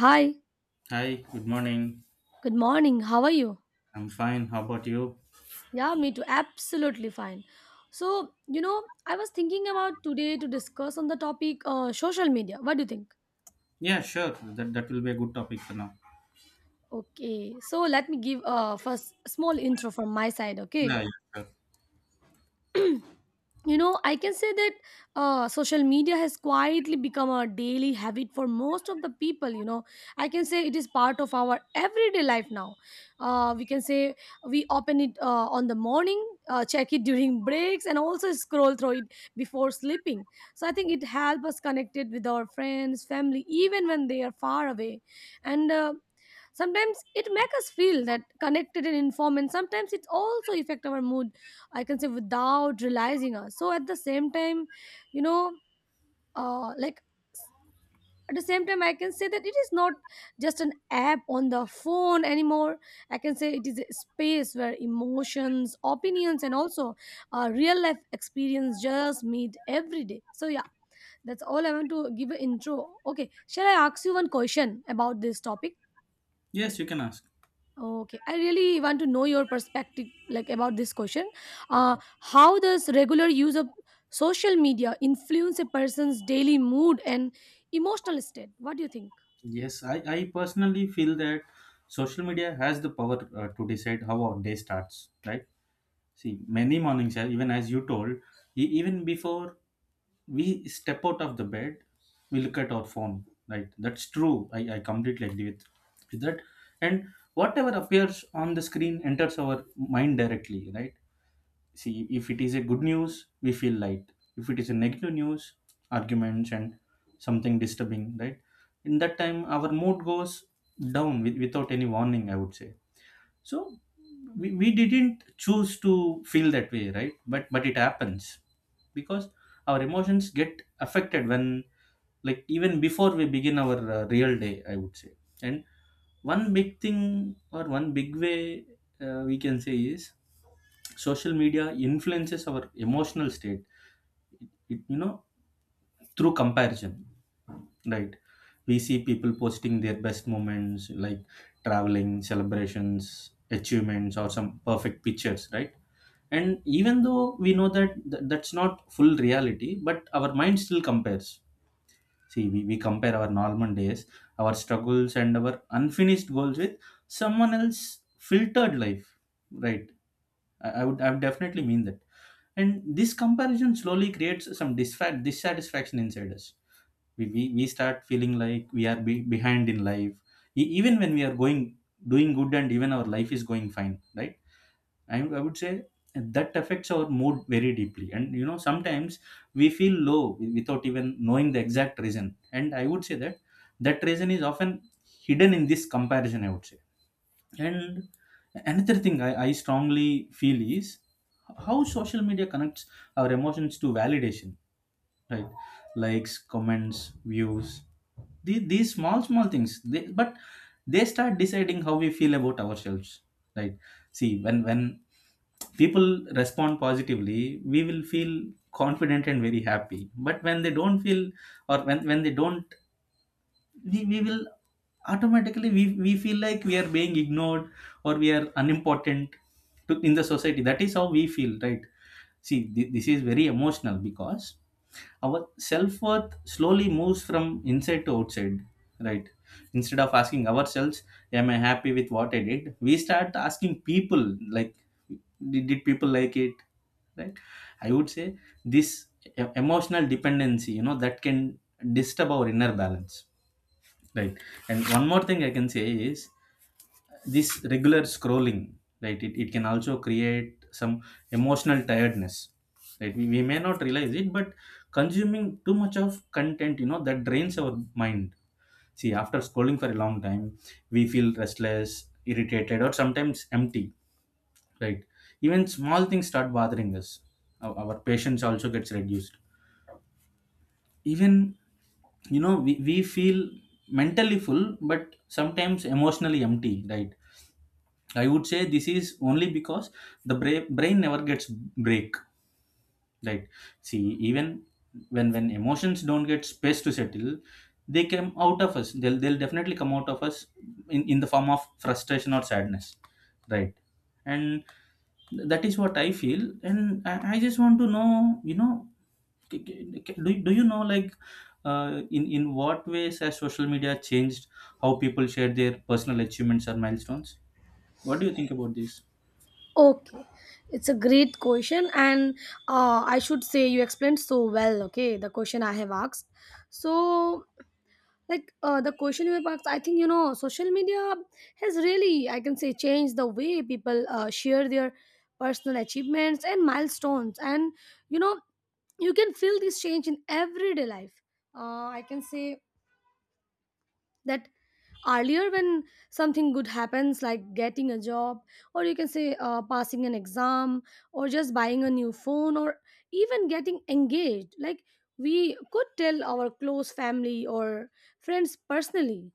Hi, Hi, good morning. good morning. How are you? I'm fine. How about you? Yeah, me too. Absolutely fine. So, you know, I was thinking about today to discuss on the topic social media. What do you think? Yeah, sure. That will be a good topic for now. Okay, so let me give first small intro from my side, okay? Yeah, yeah, sure. You know, I can say that social media has quietly become a daily habit for most of the people. I can say it is part of our everyday life now. We can say we open it on the morning, check it during breaks and also scroll through it before sleeping. So I think it helps us connected with our friends family even when they are far away. And sometimes it makes us feel that connected and informed, and sometimes it also affect our mood, I can say without realizing us. So at the same time, you know uh, like at the same time I can say that it is not just an app on the phone anymore. I can say it is a space where emotions opinions and also real life experience just meet every day. So yeah, that's all I want to give an intro. Okay, shall I ask you one question about this topic? Yes, you can ask. Okay, I really want to know your perspective, like about this question. How does regular use of social media influence a person's daily mood and emotional state? What do you think? Yes, I personally feel that social media has the power to decide how our day starts, right? See, many mornings, even as you told, even before we step out of the bed, we look at our phone, right? That's true. I completely agree with that. And whatever appears on the screen enters our mind directly, right? See, if it is a good news, we feel light. If it is a negative news, arguments and something disturbing, right? In that time, our mood goes down with, without any warning, I would say. So we didn't choose to feel that way, right? But it happens because our emotions get affected when, like even before we begin our real day, I would say. And one big thing or one big way, we can say, is social media influences our emotional state. It through comparison, right? We see people posting their best moments, like traveling, celebrations, achievements, or some perfect pictures, right? And even though we know that that's not full reality, but our mind still compares. See, we compare our normal days, our struggles, and our unfinished goals with someone else's filtered life, right? I would definitely mean that. And this comparison slowly creates some dissatisfaction inside us. We start feeling like we are behind in life, even when we are going doing good and even our life is going fine, right? I would say that affects our mood very deeply. And you know, sometimes we feel low without even knowing the exact reason, and I would say that that reason is often hidden in this comparison, I would say. And another thing I strongly feel is how social media connects our emotions to validation, right? Likes, comments, views, these small small things, they start deciding how we feel about ourselves, right? See, when people respond positively, we will feel confident and very happy, but when they don't feel, or when they don't, we will, automatically we feel like we are being ignored, or we are unimportant to, in the society. That is how we feel, right? See, this is very emotional because our self-worth slowly moves from inside to outside, right? Instead of asking ourselves, am I happy with what I did, we start asking people, like, did people like it, right? I would say this emotional dependency, you know, that can disturb our inner balance, right? And one more thing I can say is this regular scrolling, right? It can also create some emotional tiredness, right? We may not realize it, but consuming too much of content, you know, that drains our mind. See, after scrolling for a long time, we feel restless, irritated, or sometimes empty, right? Even small things start bothering us. Our patience also gets reduced. Even, you know, we feel mentally full but sometimes emotionally empty, right? I would say this is only because the brain never gets break. Right. See, even when emotions don't get space to settle, they come out of us. They'll definitely come out of us in the form of frustration or sadness. Right. And that is what I feel. And I just want to know, you know, do you know, like in what ways has social media changed how people share their personal achievements or milestones? What do you think about this? Okay, it's a great question, and I should say you explained so well. Okay, the question I have asked. So, like the question you have asked, I think you know social media has really, I can say, changed the way people share their personal achievements and milestones, and you know you can feel this change in everyday life. I can say that earlier when something good happens, like getting a job, or you can say passing an exam, or just buying a new phone, or even getting engaged, like we could tell our close family or friends personally.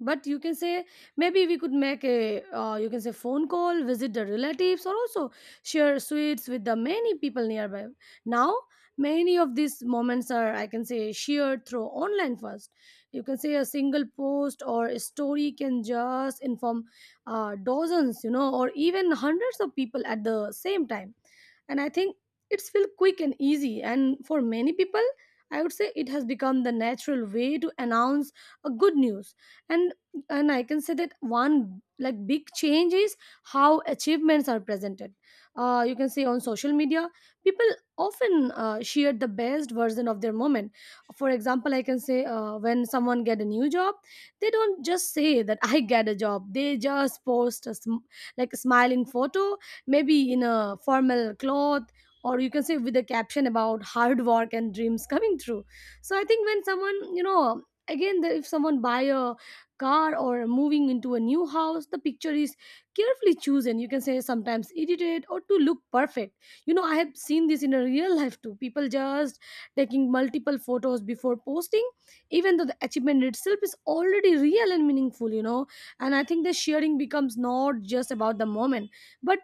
But you can say maybe we could make a you can say phone call, visit the relatives, or also share sweets with the many people nearby. Now many of these moments are, I can say, shared through online first. You can say a single post or a story can just inform dozens, you know, or even hundreds of people at the same time. And I think it's feel quick and easy, and for many people I would say it has become the natural way to announce a good news. And and I can say that one like big change is how achievements are presented. You can see on social media people often share the best version of their moment. For example, I can say when someone get a new job, they don't just say that I get a job, they just post a like a smiling photo, maybe in a formal cloth, or you can say with a caption about hard work and dreams coming true. So I think when someone, you know, again if someone buy a car or moving into a new house, the picture is carefully chosen, you can say sometimes edited or to look perfect. You know, I have seen this in a real life too, people just taking multiple photos before posting, even though the achievement itself is already real and meaningful, you know. And I think the sharing becomes not just about the moment, but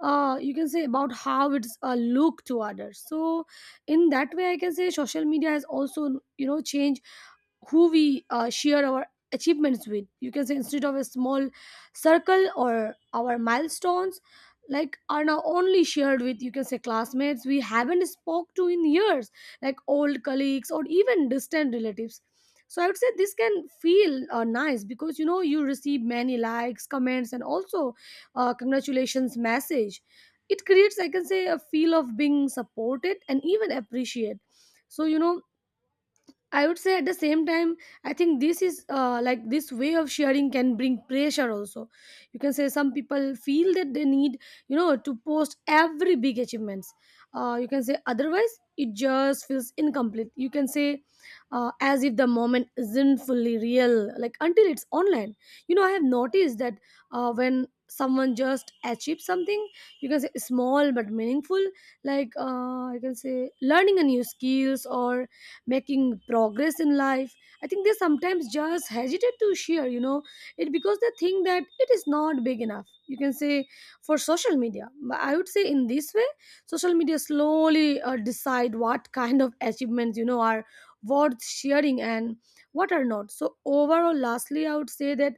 you can say about how it's a look to others. So in that way I can say social media has also, you know, changed who we share our achievements with. You can say instead of a small circle, or our milestones like are now only shared with, you can say, classmates we haven't spoke to in years, like old colleagues or even distant relatives. So I would say this can feel nice because you know you receive many likes, comments, and also congratulations message. It creates, I can say, a feel of being supported and even appreciated. So you know, I would say at the same time, I think this is like this way of sharing can bring pressure also. You can say some people feel that they need, you know, to post every big achievements. You can say otherwise it just feels incomplete. You can say as if the moment isn't fully real, like until it's online. You know, I have noticed that when someone just achieves something, you can say small but meaningful, like you can say learning a new skills or making progress in life, I think they sometimes just hesitate to share, you know, it because they think that it is not big enough, you can say, for social media. But I would say in this way social media slowly decide what kind of achievements, you know, are worth sharing and what are not. So overall, lastly I would say that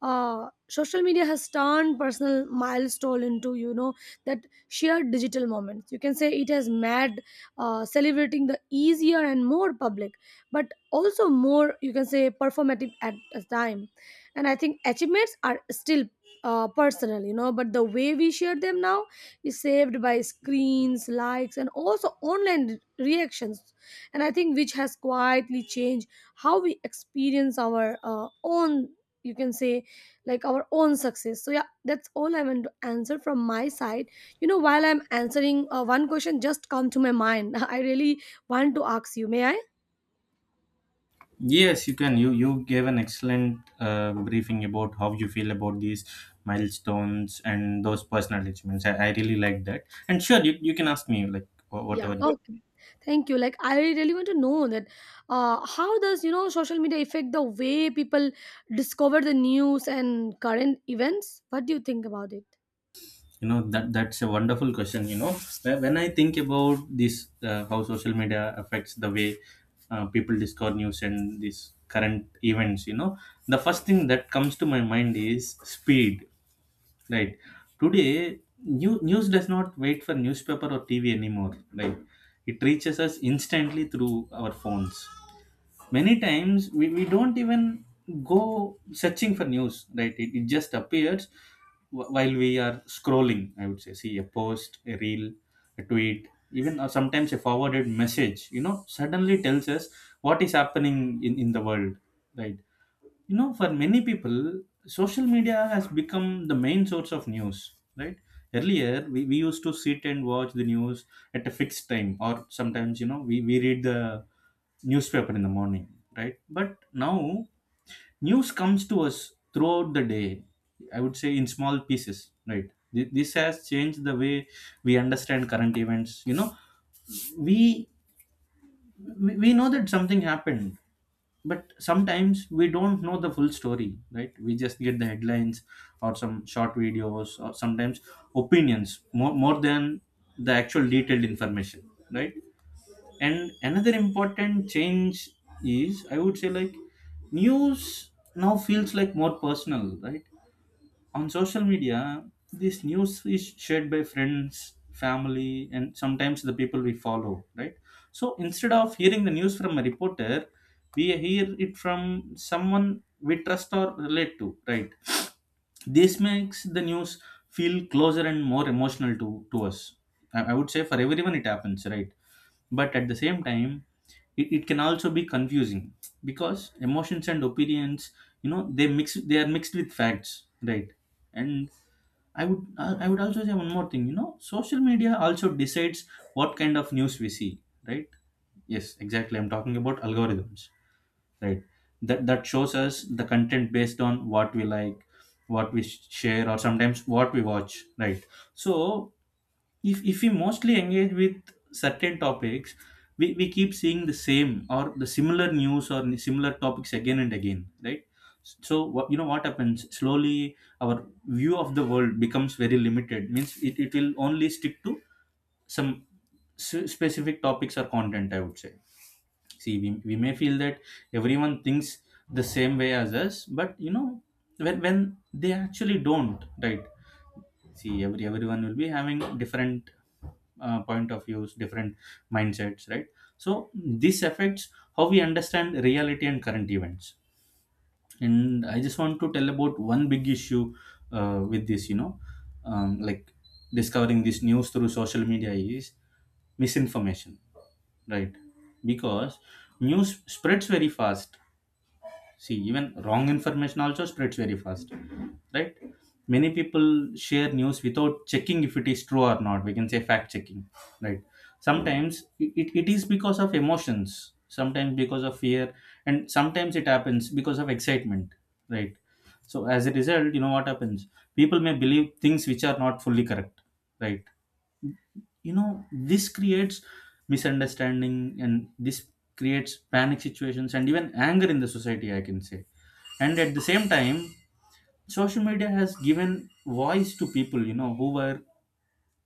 social media has turned personal milestone into, you know, that shared digital moments. You can say it has made celebrating the easier and more public, but also more, you can say, performative at a time. And I think achievements are still personal, you know, but the way we share them now is saved by screens, likes, and also online reactions. And I think which has quietly changed how we experience our own. You can say, like our own success. So yeah, that's all I want to answer from my side. You know, while I'm answering, one question just come to my mind. I really want to ask you. May I? Yes, you can. You gave an excellent briefing about how you feel about these milestones and those personal achievements. I really like that. And sure, you can ask me like wha- Yeah. whatever you, Okay. Thank you. Like, I really want to know that how does you know social media affect the way people discover the news and current events? What do you think about it? you know. That's a wonderful question. You know, when I think about this, how social media affects the way people discover news and these current events. You know, the first thing that comes to my mind is speed. Right. Today, news does not wait for newspaper or TV anymore. Right. It reaches us instantly through our phones. Many times, we don't even go searching for news. Right. It just appears while we are scrolling, I would say. See, a post, a reel, a tweet, even sometimes a forwarded message, you know, suddenly tells us what is happening in the world. Right. You know, for many people social media has become the main source of news, right? Earlier, we used to sit and watch the news at a fixed time, or sometimes, you know, we read the newspaper in the morning, right? But now news comes to us throughout the day, I would say, in small pieces, right? This has changed the way we understand current events. You know, we we know that something happened, but sometimes we don't know the full story, right? We just get the headlines or some short videos, or sometimes opinions, more than the actual detailed information, right? And another important change is, I would say, like, news now feels like more personal, right? On social media, this news is shared by friends, family, and sometimes the people we follow, right? So instead of hearing the news from a reporter, we hear it from someone we trust or relate to, right? This makes the news feel closer and more emotional to us, I would say. For everyone it happens, right? But at the same time, it can also be confusing because emotions and opinions, you know, they mix, they are mixed with facts, right? And I would also say one more thing, you know, social media also decides what kind of news we see, right? Yes, exactly, I'm talking about algorithms, right? That shows us the content based on what we like, what we share, or sometimes what we watch, right? So if we mostly engage with certain topics, we keep seeing the same or the similar news or similar topics again and again, right? So what, you know, what happens slowly, our view of the world becomes very limited, means it will only stick to some specific topics or content, I would say. See, we may feel that everyone thinks the same way as us, but you know, when they actually don't, right? See, everyone will be having different point of views, different mindsets, right? So this affects how we understand reality and current events. And I just want to tell about one big issue with this, you know, like, discovering this news through social media is misinformation, right? Because news spreads very fast. See, even wrong information also spreads very fast, right? Many people share news without checking if it is true or not, we can say fact checking, right? Sometimes it is because of emotions, sometimes because of fear, and sometimes it happens because of excitement, right? So as a result, you know, what happens, people may believe things which are not fully correct, right? You know, this creates misunderstanding, and this creates panic situations and even anger in the society, I can say. And at the same time, social media has given voice to people, you know, who were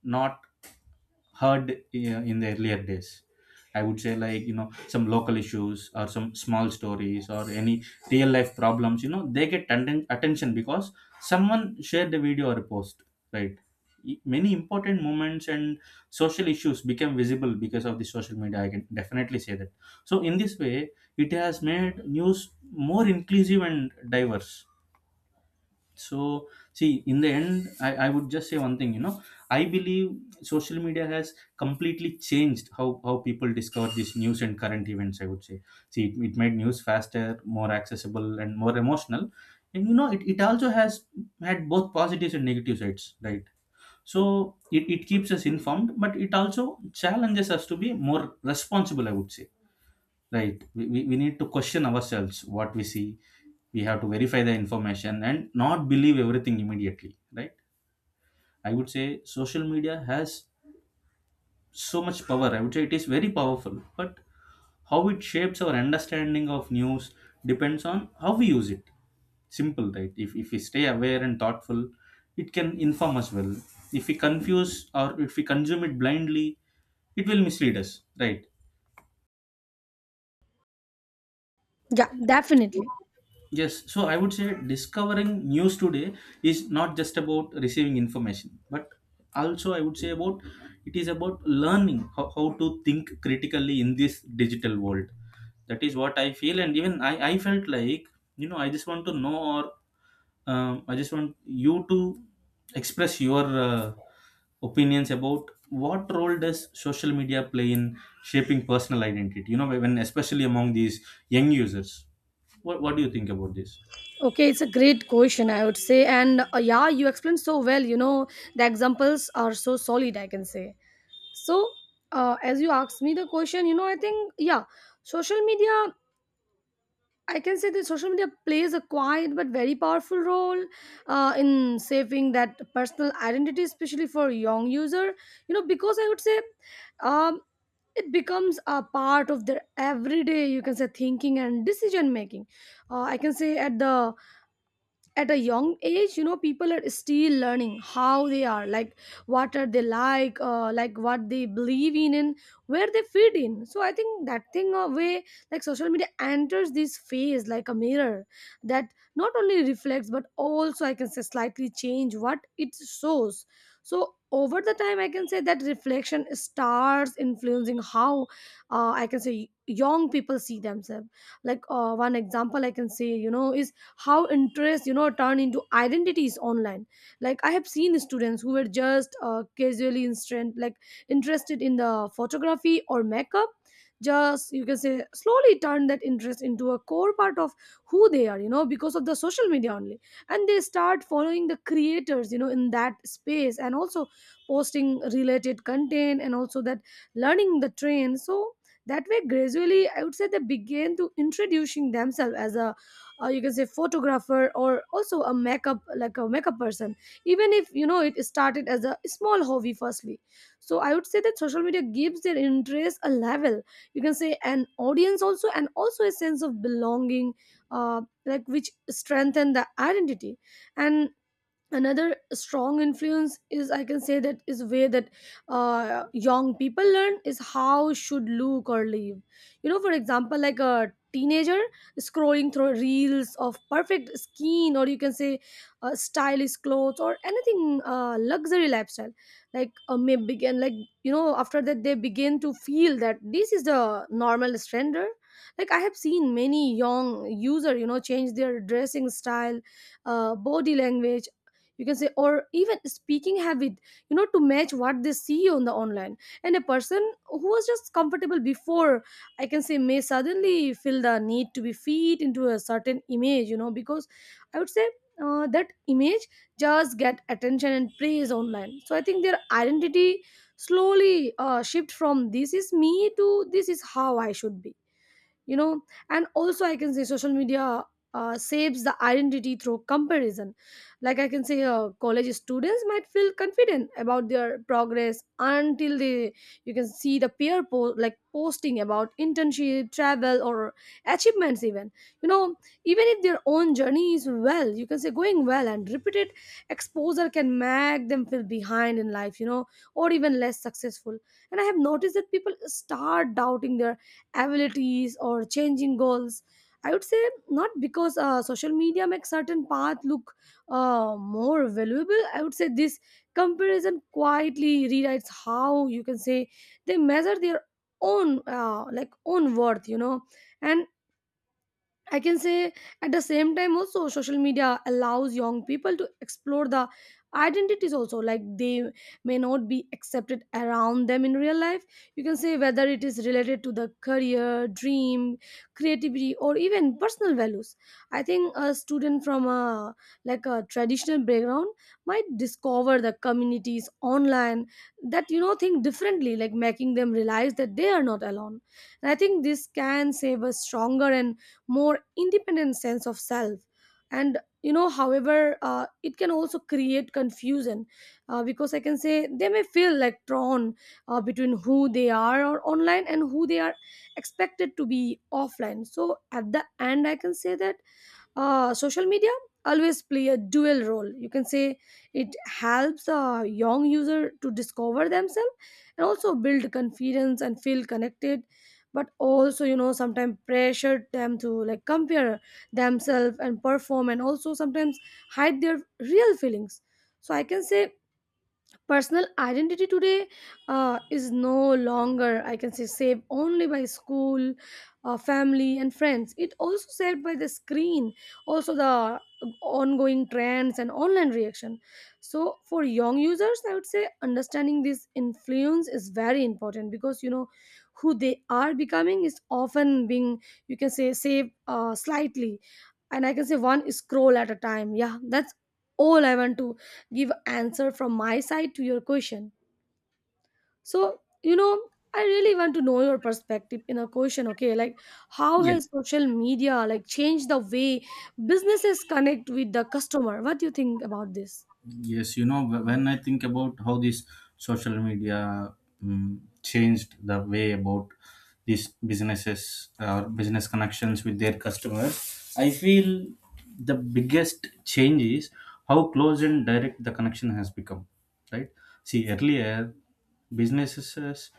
not heard in the earlier days, I would say. Like, you know, some local issues or some small stories or any real life problems, you know, they get attention because someone shared a video or a post, right? Many important moments and social issues became visible because of the social media, I can definitely say that. So in this way, it has made news more inclusive and diverse. So see, in the end, I would just say one thing, you know, I believe social media has completely changed how people discover these news and current events, I would say. See, it made news faster, more accessible, and more emotional. And you know, it also has had both positives and negative sides, right? So it keeps us informed, but it also challenges us to be more responsible, I would say. Right. We need to question ourselves what we see. We have to verify the information and not believe everything immediately. Right. I would say social media has so much power. I would say it is very powerful, but how it shapes our understanding of news depends on how we use it. Simple, right? If we stay aware and thoughtful, it can inform us well. If we confuse or if we consume it blindly, it will mislead us, right? Yeah, definitely. Yes, so I would say discovering news today is not just about receiving information, but also I would say about it is about learning how to think critically in this digital world. That is what I feel, and even I felt like I just want to know or I just want you to express your opinions about what role does social media play in shaping personal identity. You know, when especially among these young users, what do you think about this? Okay, it's a great question, I would say. And yeah, you explained so well. You know, the examples are so solid, I can say. So, as you asked me the question, you know, I think, yeah, social media, I can say that social media plays a quiet but very powerful role in shaping that personal identity, especially for young user. You know, because I would say um, it becomes a part of their everyday, you can say, thinking and decision making. I can say at a young age, you know, people are still learning how they are like, what are they like, like what they believe in and where they fit in. So I think that thing a way, like social media enters this phase like a mirror that not only reflects but also, I can say, slightly change what it shows. So over the time I can say that reflection starts influencing how, I can say, young people see themselves. Like one example I can say, you know, is how interests, you know, turn into identities online. Like I have seen students who were just casually instant like interested in the photography or makeup, just, you can say, slowly turn that interest into a core part of who they are, you know, because of the social media only. And they start following the creators, you know, in that space, and also posting related content, and also that learning the trend. So that way gradually I would say they began to introducing themselves as a you can say photographer or also a makeup like a makeup person, even if you know it started as a small hobby firstly. So I would say that social media gives their interest a level, you can say an audience also, and also a sense of belonging, uh, like which strengthen the identity. And another strong influence is, I can say, that is way that young people learn is how should look or live. You know, for example, like a teenager scrolling through reels of perfect skin, or you can say stylish clothes, or anything luxury lifestyle, like may begin like, you know, after that they begin to feel that this is the normal standard. Like I have seen many young user, you know, change their dressing style, body language, you can say, or even speaking habit, you know, to match what they see on the online. And a person who was just comfortable before, I can say, may suddenly feel the need to be fit into a certain image, you know, because I would say that image just get attention and praise online. So I think their identity slowly shift from this is me to this is how I should be, you know. And also I can say social media saves the identity through comparison. Like I can say college students might feel confident About their progress until they, you can see, the like posting about internship, travel, or achievements even, you know, even if their own journey is, well, you can say going well, and repeated exposure can make them feel behind in life, you know, or even less successful. And I have noticed that people start doubting their abilities or changing goals, I would say, not because social media makes certain path look more valuable. I would say this comparison quietly rewrites how, you can say, they measure their own, like own worth, you know. And I can say at the same time also social media allows young people to explore the identities also, like they may not be accepted around them in real life, you can say, whether it is related to the career dream, creativity, or even personal values. I think a student from a, like a traditional background, might discover the communities online that, you know, think differently, like making them realize that they are not alone. And I think this can save a stronger and more independent sense of self. And you know, however, it can also create confusion, because I can say they may feel like torn, between who they are or online and who they are expected to be offline. So at the end I can say that social media always play a dual role, you can say. It helps a young user to discover themselves and also build confidence and feel connected, but also, you know, sometimes pressure them to like compare themselves and perform, and also sometimes hide their real feelings. So I can say personal identity today is no longer, I can say, saved only by school, family, and friends. It also saved by the screen, also the ongoing trends and online reaction. So for young users, I would say understanding this influence is very important, because you know who they are becoming is often being, you can say, saved slightly, and I can say one scroll at a time. Yeah, that's all I want to give answer from my side to your question. So you know, I really want to know your perspective in a question. Okay, like, how Yeah. has social media like changed the way businesses connect with the customer? What do you think about this? Yes, you know, when I think about how this social media changed the way about these businesses or business connections with their customers, I feel the biggest change is how close and direct the connection has become, right? See, earlier businesses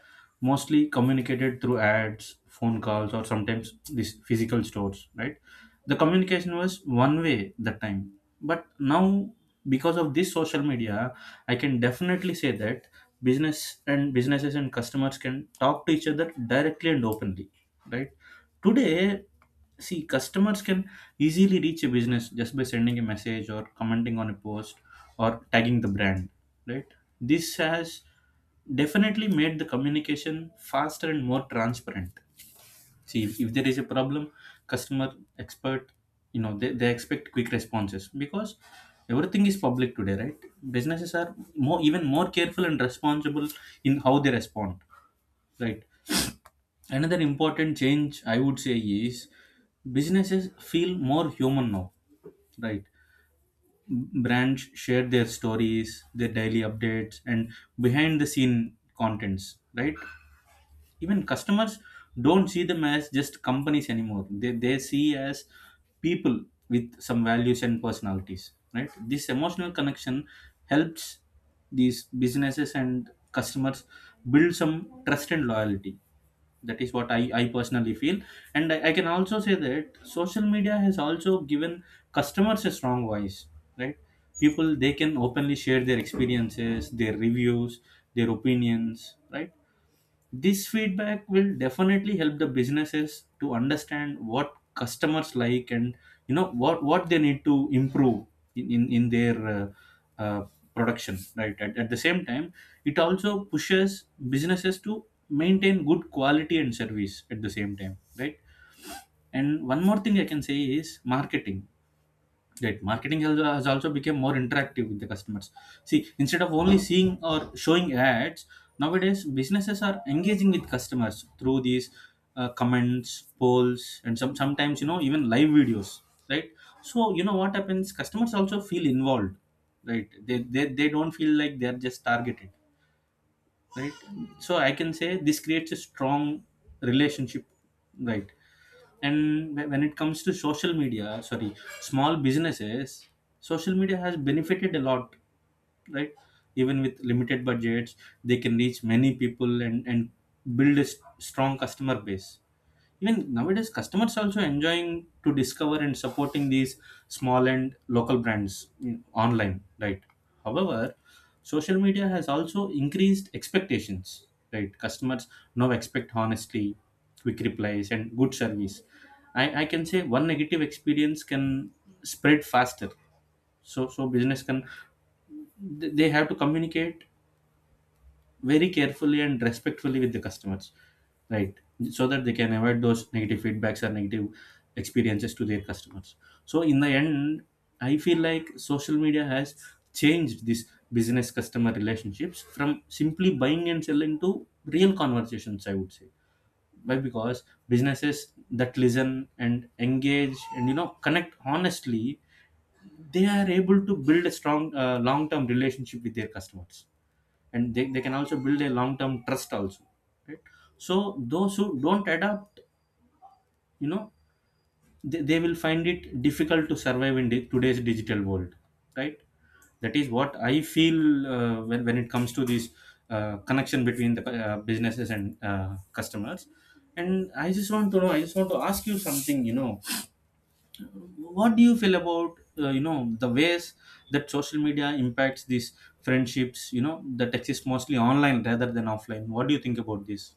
mostly communicated through ads, phone calls, or sometimes these physical stores, right? The communication was one way that time. But now, because of this social media, I can definitely say that businesses and customers can talk to each other directly and openly, right? Today, see customers can easily reach a business just by sending a message or commenting on a post or tagging the brand, right? This has definitely made the communication faster and more transparent. See, if there is a problem, customer expert you know, they expect quick responses because everything is public today, right? Businesses are more even more careful and responsible in how they respond, right? Another important change I would say is businesses feel more human now, right? Brands share their stories, their daily updates, and behind the scene contents, right? Even customers don't see them as just companies anymore, they see as people with some values and personalities, right? This emotional connection helps these businesses and customers build some trust and loyalty. That is what I personally feel. And I can also say that social media has also given customers a strong voice, right? People, they can openly share their experiences, their reviews, their opinions, right? This feedback will definitely help the businesses to understand what customers like and you know what they need to improve in in their uh, production, right? At the same time, it also pushes businesses to maintain good quality and service at the same time, right? And one more thing I can say is marketing. Right. Marketing has also become more interactive with the customers. See, instead of only seeing or showing ads, nowadays businesses are engaging with customers through these comments, polls, and sometimes you know even live videos. Right. So you know what happens? Customers also feel involved. Right. They don't feel like they're just targeted. Right. So I can say this creates a strong relationship. Right. And when it comes to social media, sorry, small businesses, social media has benefited a lot, right? Even with limited budgets, they can reach many people and build a strong customer base. Even nowadays, customers also enjoying to discover and supporting these small and local brands, online, right? However, social media has also increased expectations, right? Customers now expect honesty, quick replies, and good service. I can say one negative experience can spread faster. So business can they have to communicate very carefully and respectfully with the customers, right? So that they can avoid those negative feedbacks or negative experiences to their customers. So in the end, I feel like social media has changed this business customer relationships from simply buying and selling to real conversations, I would say. Why? Because businesses that listen and engage and you know connect honestly, they are able to build a strong long term relationship with their customers. And they can also build a long-term trust also, right? So those who don't adapt, you know, they will find it difficult to survive in today's digital world, right? That is what I feel when it comes to this connection between the businesses and customers. And I just want to know, I just want to ask you something, you know, what do you feel about you know the ways that social media impacts these friendships, you know, that exist mostly online rather than offline? What do you think about this?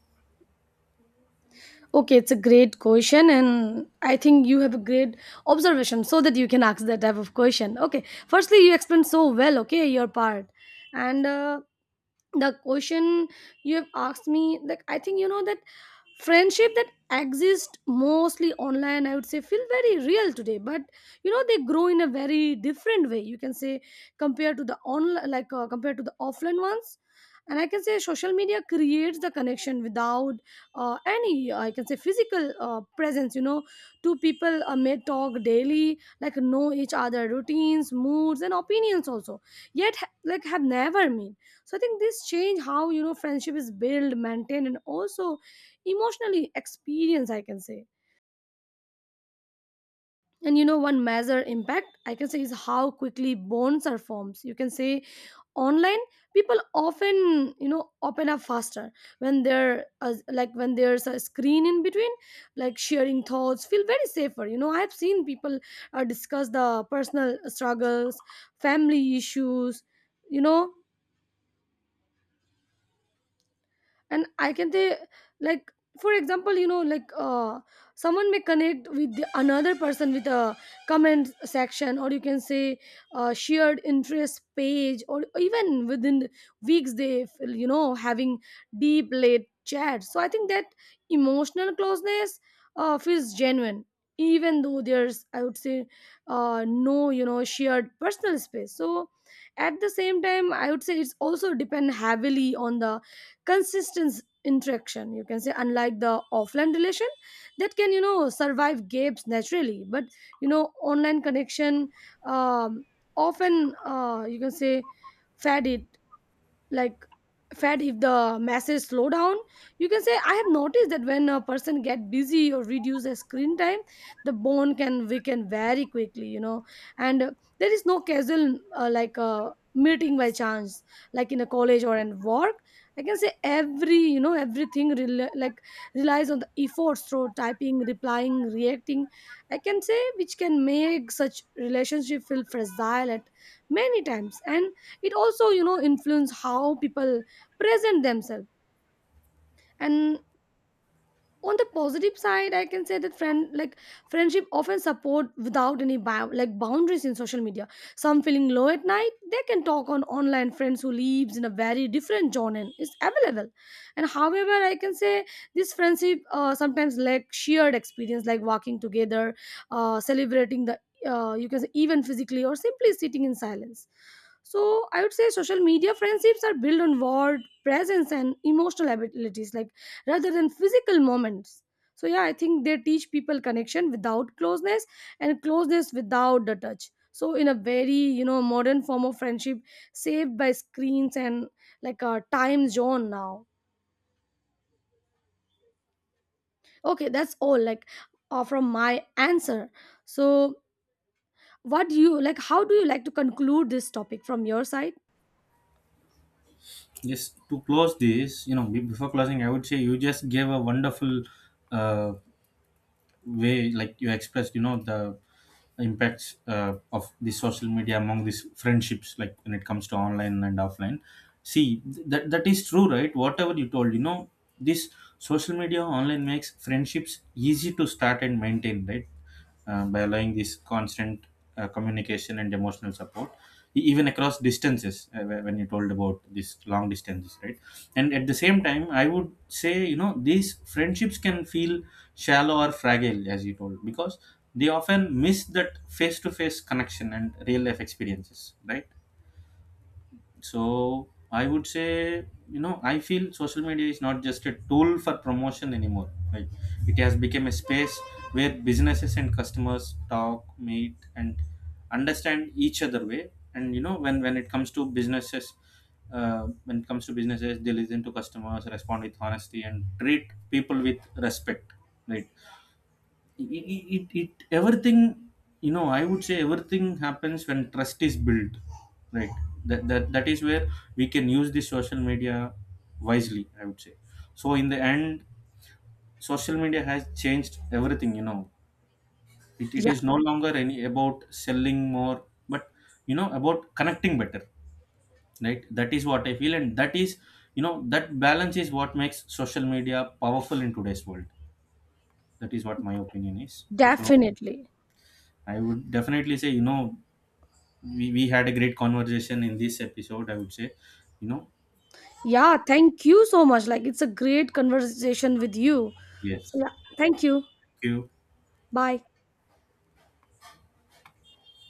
Okay, it's a great question, and I think you have a great observation so that you can ask that type of question. Okay, firstly, you explained so well, okay, your part. And the question you have asked me, like, I think you know that friendship that exist mostly online, I would say feel very real today, but you know they grow in a very different way, you can say, compared to the online, like compared to the offline ones. And I can say social media creates the connection without any, I can say, physical presence. You know, two people may talk daily, like know each other routines, moods, and opinions also, yet like have never met. So I think this change how, you know, friendship is built, maintained, and also emotionally experienced, I can say. And you know, one major impact I can say is how quickly bonds are formed, you can say. Online, people often, you know, open up faster when there when there's a screen in between, like sharing thoughts feel very safer. You know, I have seen people discuss the personal struggles, family issues, you know. And I can say, like, for example, you know, like, someone may connect with the, another person with a comment section, or you can say shared interest page, or even within weeks they feel, you know, having deep late chats. So I think that emotional closeness feels genuine, even though there's, I would say, no, you know, shared personal space. So at the same time I would say it's also depend heavily on the consistent interaction, you can say, unlike the offline relation that can, you know, survive gaps naturally. But you know, online connection, um, often, you can say, fade it, like fed, if the masses slow down, you can say. I have noticed that when a person get busy or reduce their screen time, the bone can weaken very quickly, you know. And there is no casual meeting by chance, like in a college or in work. I can say every, you know, like relies on the efforts through typing, replying, reacting, I can say, which can make such relationship feel fragile at many times. And it also, you know, influence how people present themselves. And on the positive side I can say that friend like friendship often support without any boundaries in social media. Some feeling low at night, they can talk on online friends who lives in a very different zone is available. And however I can say this friendship sometimes lack shared experience, like walking together, celebrating the, you can say, even physically, or simply sitting in silence. So I would say social media friendships are built on word presence and emotional abilities, like rather than physical moments. So yeah, I think they teach people connection without closeness and closeness without the touch. So, in a very, you know, modern form of friendship, saved by screens and like a time zone now. Okay, that's all. Like, from my answer. So, what do you like? How do you like to conclude this topic from your side? Yes, to close this, you know, before closing, I would say you just gave a wonderful uh, way, like you expressed, you know, the impacts of the social media among these friendships, like when it comes to online and offline. See that is true, right? Whatever you told, you know, this social media online makes friendships easy to start and maintain, right? By allowing this constant communication and emotional support, even across distances, when you told about this long distances, right? And at the same time, I would say, you know, these friendships can feel shallow or fragile, as you told, because they often miss that face to face connection and real life experiences, right? So I would say, you know, I feel social media is not just a tool for promotion anymore. Like, it has become a space where businesses and customers talk, meet, and understand each other way. And you know, when it comes to businesses, when it comes to businesses, they listen to customers, respond with honesty, and treat people with respect. Right. It everything, you know, I would say everything happens when trust is built, right? That is where we can use this social media wisely, I would say. So in the end, social media has changed everything, you know. It Yeah, is no longer any about selling more, but you know about connecting better, right? That is what I feel, and that is, you know, that balance is what makes social media powerful in today's world. That is what my opinion is. So definitely. I would definitely say, you know, we had a great conversation in this episode, I would say, you know. Yeah, thank you so much. Like, it's a great conversation with you. So, Yes, yeah, thank you. thank you. Bye.